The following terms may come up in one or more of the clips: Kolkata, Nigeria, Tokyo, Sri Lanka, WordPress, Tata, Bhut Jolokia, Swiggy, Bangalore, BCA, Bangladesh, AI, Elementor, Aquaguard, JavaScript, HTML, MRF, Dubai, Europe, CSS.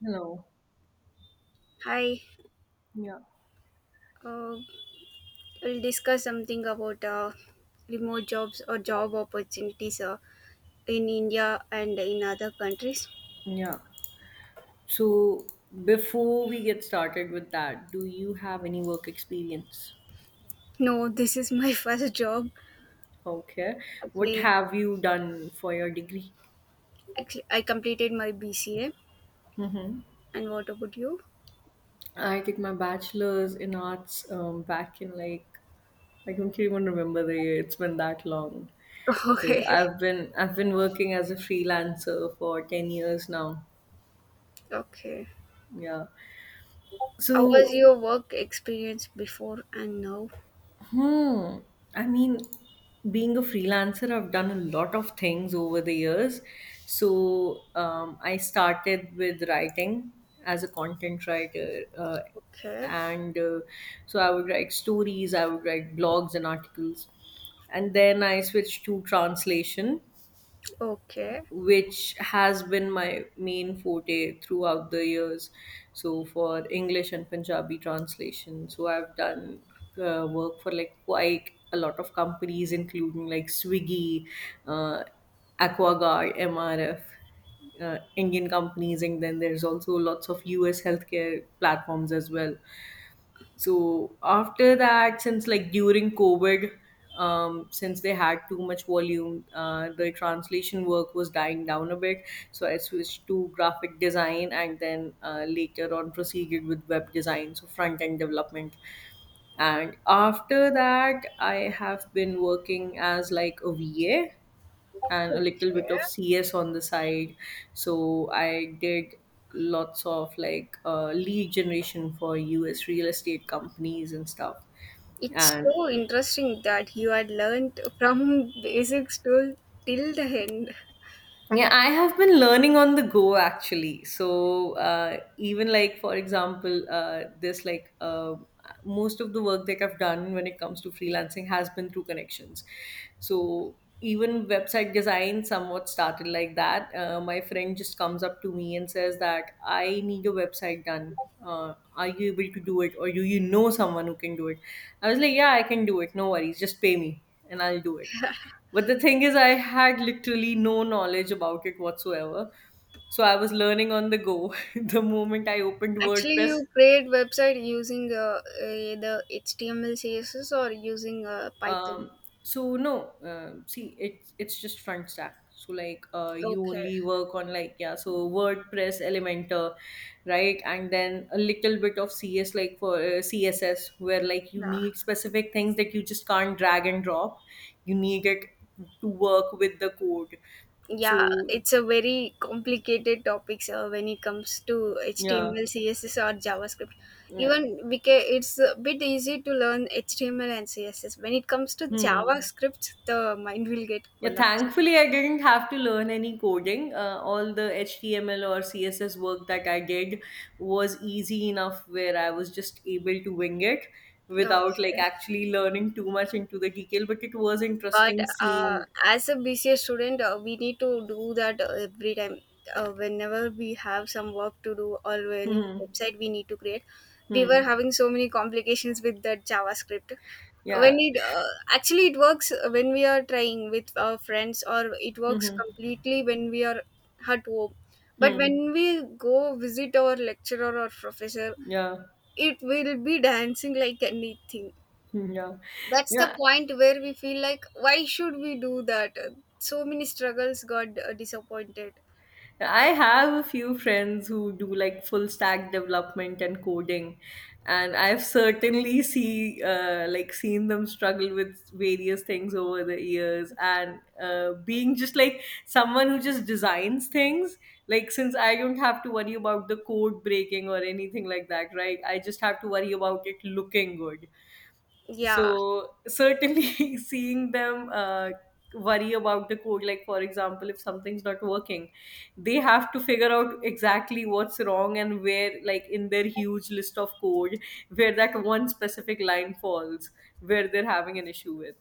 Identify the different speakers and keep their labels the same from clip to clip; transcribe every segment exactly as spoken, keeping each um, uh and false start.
Speaker 1: Hello.
Speaker 2: Hi,
Speaker 1: Yeah.
Speaker 2: uh, we'll discuss something about uh, remote jobs or job opportunities uh, in India and in other countries.
Speaker 1: Yeah. So before we get started with that, do you have any work experience?
Speaker 2: No, this is my first job.
Speaker 1: Okay. What
Speaker 2: Actually,
Speaker 1: have you done for your degree?
Speaker 2: actually, I completed my B C A. And what about you?
Speaker 1: I did my bachelor's in arts um, back in, like, I don't even remember the year. It's been that long.
Speaker 2: Okay,
Speaker 1: So I've been I've been working as a freelancer for ten years now.
Speaker 2: okay.
Speaker 1: Yeah.
Speaker 2: How was
Speaker 1: So.
Speaker 2: your work experience before and now?
Speaker 1: Hmm. I mean, being a freelancer, I've done a lot of things over the years. So um, I started with writing as a content writer. Uh,
Speaker 2: Okay,
Speaker 1: and uh, so I would write stories, I would write blogs and articles. And then I switched to translation,
Speaker 2: okay,
Speaker 1: which has been my main forte throughout the years. So, for English and Punjabi translation, so I've done uh, work for like quite a lot of companies, including like Swiggy, uh, Aquaguard, M R F. Uh, Indian companies, and then there's also lots of U S healthcare platforms as well. So after that, since like during COVID, um, since they had too much volume, uh, the translation work was dying down a bit. So I switched to graphic design and then uh, later on proceeded with web design, so front end development. And after that, I have been working as like a V A and
Speaker 2: okay.
Speaker 1: a little bit of C S on the side. So I did lots of like uh, lead generation for U S real estate companies and stuff.
Speaker 2: It's
Speaker 1: And
Speaker 2: so interesting that you had learned from basics to till the end.
Speaker 1: yeah, I have been learning on the go actually. So uh, even like for example, uh, this like uh, most of the work that I've done when it comes to freelancing has been through connections. So even website design somewhat started like that. Uh, my friend just comes up to me and says that I need a website done. Uh, are you able to do it, or do you know someone who can do it? I was like, yeah, I can do it. No worries, just pay me and I'll do it. But the thing is, I had literally no knowledge about it whatsoever. So I was learning on the go the moment I opened
Speaker 2: Actually,
Speaker 1: WordPress.
Speaker 2: you create website using uh, either H T M L, C S S, or using uh, Python.
Speaker 1: Um, so no, um see, it's it's just front stack. So like, uh, you
Speaker 2: Okay.
Speaker 1: only work on like, yeah, so WordPress, Elementor, right, and then a little bit of C S like for uh, C S S, where like you
Speaker 2: Yeah.
Speaker 1: need specific things that you just can't drag and drop. You need it to work with the code.
Speaker 2: Yeah,
Speaker 1: So
Speaker 2: it's a very complicated topics uh, when it comes to
Speaker 1: yeah,
Speaker 2: H T M L, C S S, or JavaScript.
Speaker 1: yeah.
Speaker 2: Even because it's a bit easy to learn H T M L and C S S. When it comes to
Speaker 1: Hmm.
Speaker 2: JavaScript, the mind will get
Speaker 1: Yeah,
Speaker 2: collapsed.
Speaker 1: thankfully, I didn't have to learn any coding. Uh, all the H T M L or C S S work that I did was easy enough where I was just able to wing it
Speaker 2: Yeah.
Speaker 1: without like
Speaker 2: Okay.
Speaker 1: actually learning too much into the detail. But it was
Speaker 2: But
Speaker 1: interesting
Speaker 2: uh,
Speaker 1: seeing.
Speaker 2: as a B C A student, uh, we need to do that uh, every time. Uh, whenever we have some work to do or any
Speaker 1: Hmm.
Speaker 2: website we need to create, we were
Speaker 1: Hmm.
Speaker 2: having so many complications with that JavaScript. When
Speaker 1: Yeah.
Speaker 2: it uh, Actually it works when we are trying with our friends, or it works
Speaker 1: Hmm.
Speaker 2: completely when we are at home.
Speaker 1: Hmm.
Speaker 2: But
Speaker 1: Hmm.
Speaker 2: when we go visit our lecturer or professor,
Speaker 1: Yeah.
Speaker 2: it will be dancing like anything.
Speaker 1: Hmm. Yeah.
Speaker 2: That's the
Speaker 1: Yeah.
Speaker 2: point where we feel like why should we do that. So many struggles got uh, disappointed.
Speaker 1: I have a few friends who do like full stack development and coding, and I've certainly see uh, like seen them struggle with various things over the years. And uh, being just like someone who just designs things, like since I don't have to worry about the code breaking or anything like that, right? I just have to worry about it looking good,
Speaker 2: Yeah,
Speaker 1: so certainly seeing them uh, worry about the code, like for example if something's not working, they have to figure out exactly what's wrong and where, like in their huge list of code, where that one specific line falls, where they're having an issue with.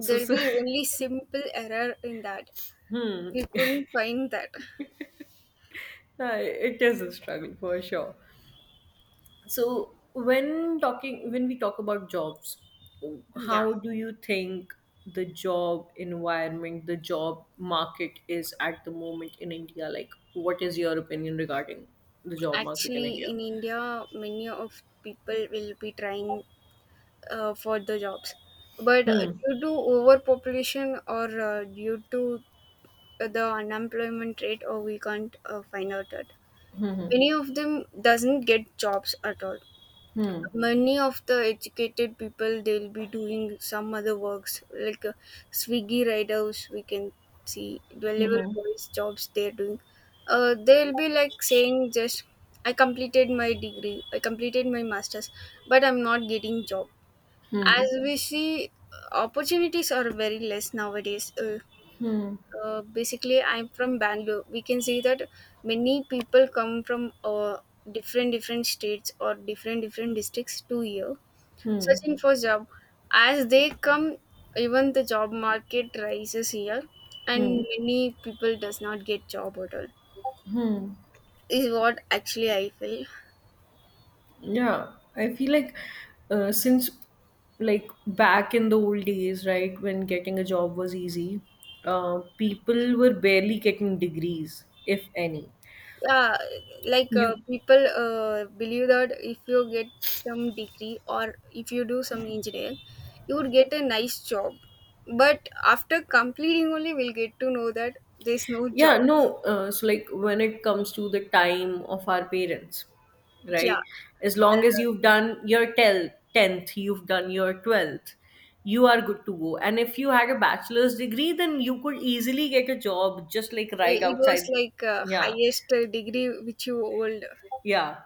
Speaker 1: so, so
Speaker 2: be only simple error in that.
Speaker 1: Hmm.
Speaker 2: We couldn't find that.
Speaker 1: Uh, it is a struggle for sure. So when talking when we talk about jobs,
Speaker 2: Yeah,
Speaker 1: how do you think the job environment, the job market is at the moment in India? Like what is your opinion regarding the job market in
Speaker 2: actually
Speaker 1: India?
Speaker 2: in India many of people will be trying uh, for the jobs, but uh,
Speaker 1: Hmm.
Speaker 2: due to overpopulation or uh, due to the unemployment rate or we can't uh, find out that many of them doesn't get jobs at all.
Speaker 1: Hmm.
Speaker 2: Many of the educated people they'll be doing some other works like uh, Swiggy riders we can see, delivery boys jobs they're doing. Uh, they'll be like saying just I completed my degree, I completed my masters, but I'm not getting job. As we see, uh, opportunities are very less nowadays. Uh,
Speaker 1: Hmm.
Speaker 2: uh, basically I'm from Bangalore. We can see that many people come from uh, different different states or different different districts to here
Speaker 1: Hmm.
Speaker 2: searching for job. As they come, even the job market rises here and
Speaker 1: Hmm.
Speaker 2: many people does not get job at all. Is what actually I feel.
Speaker 1: Yeah, I feel like, uh, since like back in the old days, right, when getting a job was easy, uh, people were barely getting degrees, if any.
Speaker 2: Yeah, like uh,
Speaker 1: You
Speaker 2: people uh, believe that if you get some degree or if you do some engineering, you would get a nice job. But after completing only, we'll get to know that there's no
Speaker 1: Yeah,
Speaker 2: jobs.
Speaker 1: no, uh, so like when it comes to the time of our parents,
Speaker 2: Yeah.
Speaker 1: right? As long as
Speaker 2: Uh,
Speaker 1: you've done your tel- tenth, you've done your twelfth, you are good to go. And if you had a bachelor's degree, then you could easily get a job just like
Speaker 2: it,
Speaker 1: right
Speaker 2: it was
Speaker 1: outside.
Speaker 2: like uh,
Speaker 1: Yeah,
Speaker 2: highest uh, degree which you hold.
Speaker 1: yeah.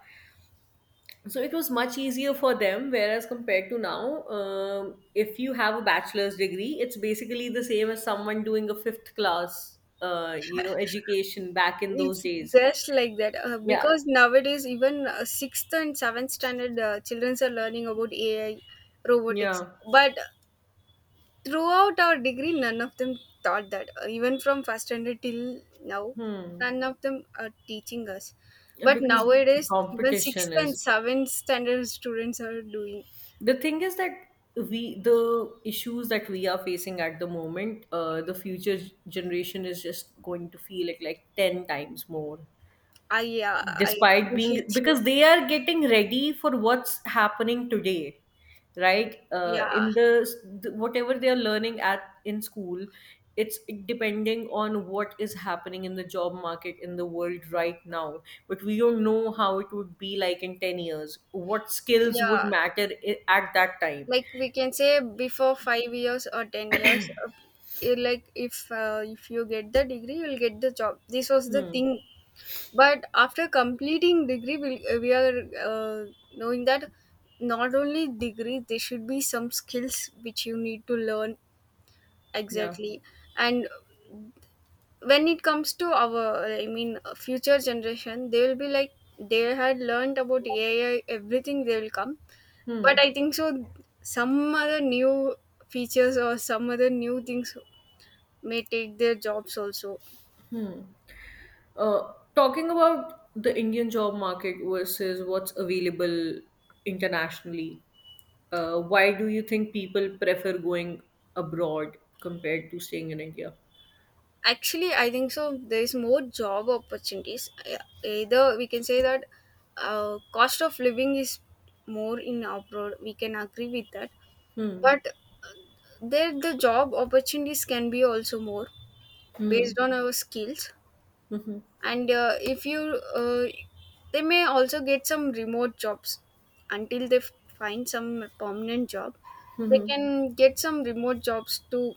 Speaker 1: So it was much easier for them, whereas compared to now, um, if you have a bachelor's degree, it's basically the same as someone doing a fifth class, uh, you know, education back in those
Speaker 2: It's
Speaker 1: days.
Speaker 2: just like that uh,
Speaker 1: Yeah,
Speaker 2: because nowadays even uh, sixth and seventh standard uh, children are learning about A I, robotics.
Speaker 1: yeah.
Speaker 2: But throughout our degree, none of them taught that. Uh, even from first standard till now,
Speaker 1: Hmm.
Speaker 2: none of them are teaching us.
Speaker 1: Yeah,
Speaker 2: But
Speaker 1: because the
Speaker 2: nowadays, even sixth
Speaker 1: competition
Speaker 2: and
Speaker 1: is
Speaker 2: seventh standard students are doing.
Speaker 1: the thing is that we the issues that we are facing at the moment, uh, the future generation is just going to feel it like ten times more.
Speaker 2: I Yeah, I
Speaker 1: Despite
Speaker 2: agree
Speaker 1: being,
Speaker 2: with you.
Speaker 1: because they are getting ready for what's happening today, right, uh,
Speaker 2: Yeah,
Speaker 1: in the whatever they are learning at in school, it's depending on what is happening in the job market in the world right now. But we don't know how it would be like in ten years, what skills
Speaker 2: yeah.
Speaker 1: would matter i- at that time.
Speaker 2: Like we can say before five years or ten years, uh, you like if uh, if you get the degree you'll get the job, this was the
Speaker 1: Hmm.
Speaker 2: thing. But after completing degree we, uh, we are uh, knowing that not only degree, there should be some skills which you need to learn
Speaker 1: Yeah.
Speaker 2: exactly. And when it comes to our, I mean, future generation, they will be like they had learned about AI everything, they will come. But
Speaker 1: Hmm.
Speaker 2: I think so, some other new features or some other new things may take their jobs also.
Speaker 1: Uh, talking about the Indian job market versus what's available internationally, Uh, why do you think people prefer going abroad compared to staying in India?
Speaker 2: Actually, I think so there is more job opportunities. Yeah. Either we can say that uh, cost of living is more in abroad. We can agree with that.
Speaker 1: Hmm.
Speaker 2: But there the job opportunities can be also more based on our skills. And uh, if you, uh, they may also get some remote jobs until they f- find some permanent job. They can get some remote jobs to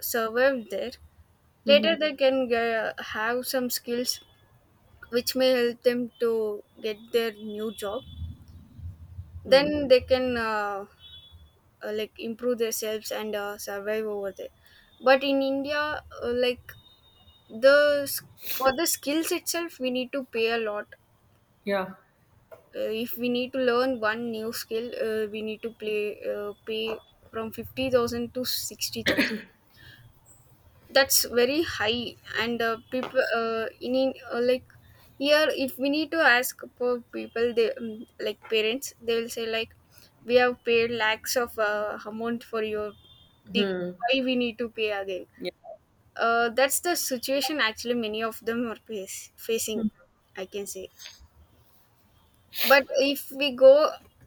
Speaker 2: survive there.
Speaker 1: Hmm.
Speaker 2: Later they can ge- have some skills which may help them to get their new job. Then they can uh, uh, like improve themselves and uh, survive over there. But in India, uh, like the s- for the skills itself we need to pay a lot.
Speaker 1: Yeah.
Speaker 2: Uh, if we need to learn one new skill, uh, we need to play uh, pay from fifty thousand to sixty thousand. That's very high. And uh, people uh, in in- uh, like here if we need to ask for people, they, um, like parents, they will say like we have paid lakhs of uh, amount for your degree, why we need to pay again?
Speaker 1: Yeah.
Speaker 2: Uh, that's the situation actually many of them are face, facing, I can say. But if we go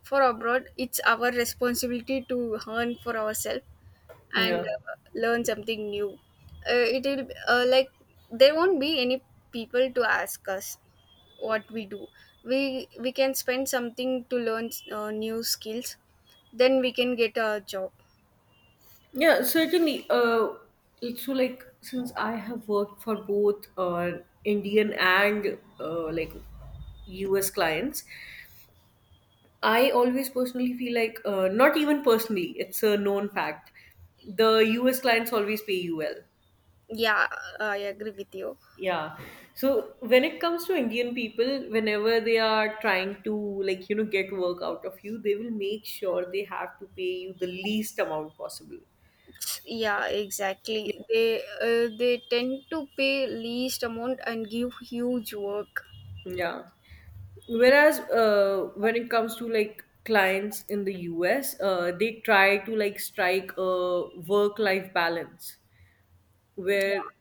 Speaker 2: for abroad, it's our responsibility to earn for ourselves and
Speaker 1: Yeah.
Speaker 2: uh, learn something new. Uh, it will, uh, like there won't be any people to ask us what we do. We we can spend something to learn uh, new skills, then we can get a job.
Speaker 1: Yeah. Certainly. Uh, so, like, since I have worked for both uh, Indian and uh, like U S clients, I always personally feel like, uh, not even personally, it's a known fact. The U S clients always pay you well.
Speaker 2: Yeah, I agree with you.
Speaker 1: Yeah. So when it comes to Indian people, whenever they are trying to like, you know, get work out of you, they will make sure they have to pay you the least amount possible.
Speaker 2: Yeah, exactly, they uh, they tend to pay least amount and give huge work.
Speaker 1: Yeah. Whereas uh, when it comes to like clients in the U S, uh, they try to like strike a work-life balance, where
Speaker 2: Yeah,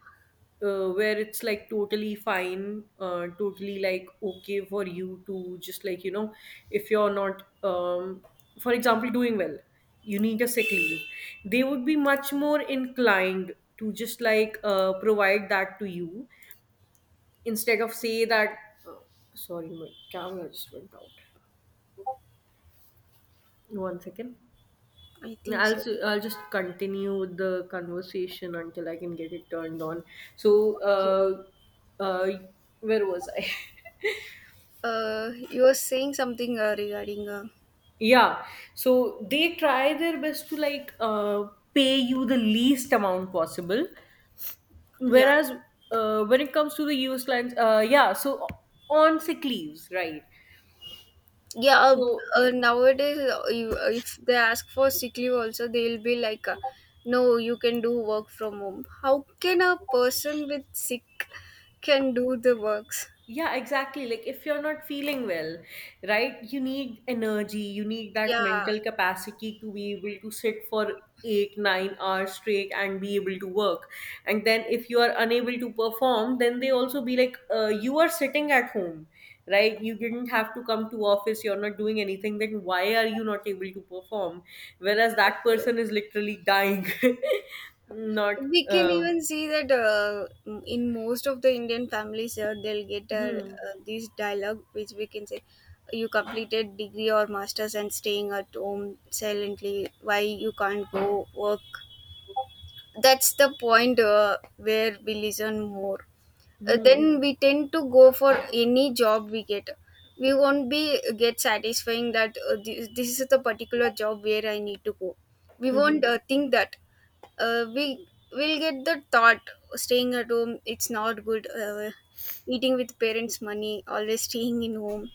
Speaker 1: uh, where it's like totally fine, uh, totally like okay for you to just like, you know if you're not um, for example doing well, you need a sick leave, they would be much more inclined to just like uh, provide that to you instead of say that. Oh, sorry, my camera just went out, one second.
Speaker 2: I think
Speaker 1: I'll
Speaker 2: so.
Speaker 1: s- I'll just continue with the conversation until I can get it turned on. So,
Speaker 2: Okay.
Speaker 1: uh, uh, where was I?
Speaker 2: Uh, you were saying something uh, regarding uh,
Speaker 1: Yeah. So they try their best to like uh, pay you the least amount possible.
Speaker 2: yeah,
Speaker 1: Whereas uh, when it comes to the U S clients, uh, yeah. So on sick leaves, right?
Speaker 2: yeah. Uh,
Speaker 1: So.
Speaker 2: uh, nowadays, uh, you, uh, if they ask for sick leave also they'll be like, uh, no, you can do work from home. How can a person with sick can do the works?
Speaker 1: Yeah, exactly. Like if you're not feeling well, right, you need energy, you need that
Speaker 2: Yeah,
Speaker 1: mental capacity to be able to sit for eight, nine hours straight and be able to work. And then if you are unable to perform, then they also be like, uh, you are sitting at home, right? You didn't have to come to office, you're not doing anything, then why are you not able to perform? Whereas that person is literally dying, not.
Speaker 2: we can
Speaker 1: um,
Speaker 2: even see that uh, in most of the Indian families, uh, they'll get uh,
Speaker 1: hmm,
Speaker 2: uh, this dialogue which we can say you completed degree or masters and staying at home silently, why you can't go work? That's the point uh, where we listen more. Uh,
Speaker 1: hmm,
Speaker 2: then we tend to go for any job we get. We won't be uh, get satisfying that uh, this, this is the particular job where I need to go. We
Speaker 1: hmm. Hmm.
Speaker 2: won't uh, think that, uh, we will get the thought staying at home it's not good, uh, eating with parents money always staying in home,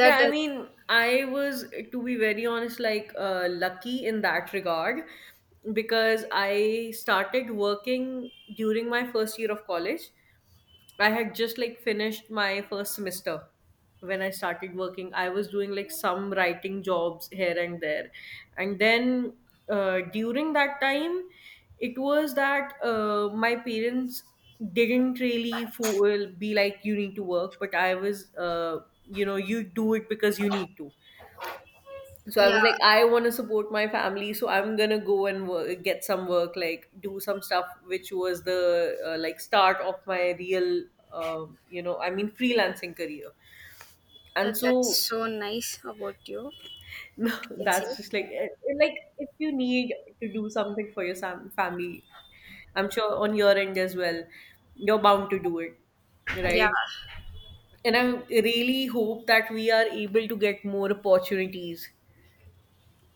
Speaker 1: Yeah, I
Speaker 2: uh,
Speaker 1: mean, I was, to be very honest, like uh, lucky in that regard, because I started working during my first year of college. I had just like finished my first semester when I started working. I was doing like some writing jobs here and there. And then uh, during that time, it was that uh, my parents didn't really fo- will be like, you need to work, but I was, uh, you know, you do it because you need to. So I
Speaker 2: yeah.
Speaker 1: was like, I want to support my family, so I'm gonna go and wo- get some work, like do some stuff, which was the uh, like start of my real um, you know I mean freelancing career.
Speaker 2: Uh,
Speaker 1: And
Speaker 2: that's
Speaker 1: so,
Speaker 2: so nice about you,
Speaker 1: no,
Speaker 2: let's say.
Speaker 1: that's just like, eh, eh, like if you need to do something for your sam- family. I'm sure on your end as well you're bound to do it,
Speaker 2: Yeah.
Speaker 1: right? And I really hope that we are able to get more opportunities,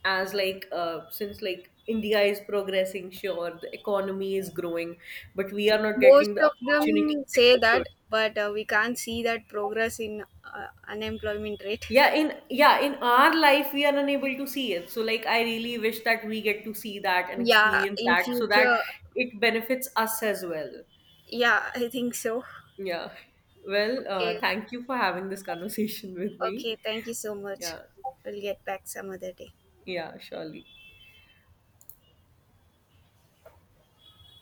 Speaker 1: as like, uh, since like India is progressing, sure the economy is growing, but we are not
Speaker 2: Most
Speaker 1: getting the
Speaker 2: of
Speaker 1: opportunities
Speaker 2: them
Speaker 1: that
Speaker 2: say
Speaker 1: we should.
Speaker 2: that, but uh, we can't see that progress in uh, unemployment rate.
Speaker 1: yeah in yeah in our life we are unable to see it, so like I really wish that we get to see that and
Speaker 2: Yeah,
Speaker 1: experience
Speaker 2: in
Speaker 1: that, so that
Speaker 2: future,
Speaker 1: it benefits us as well.
Speaker 2: yeah, I think so.
Speaker 1: Yeah. Well,
Speaker 2: Okay,
Speaker 1: uh, thank you for having this conversation with me.
Speaker 2: okay, thank you so much.
Speaker 1: Yeah.
Speaker 2: We'll get back some other day.
Speaker 1: Yeah, surely.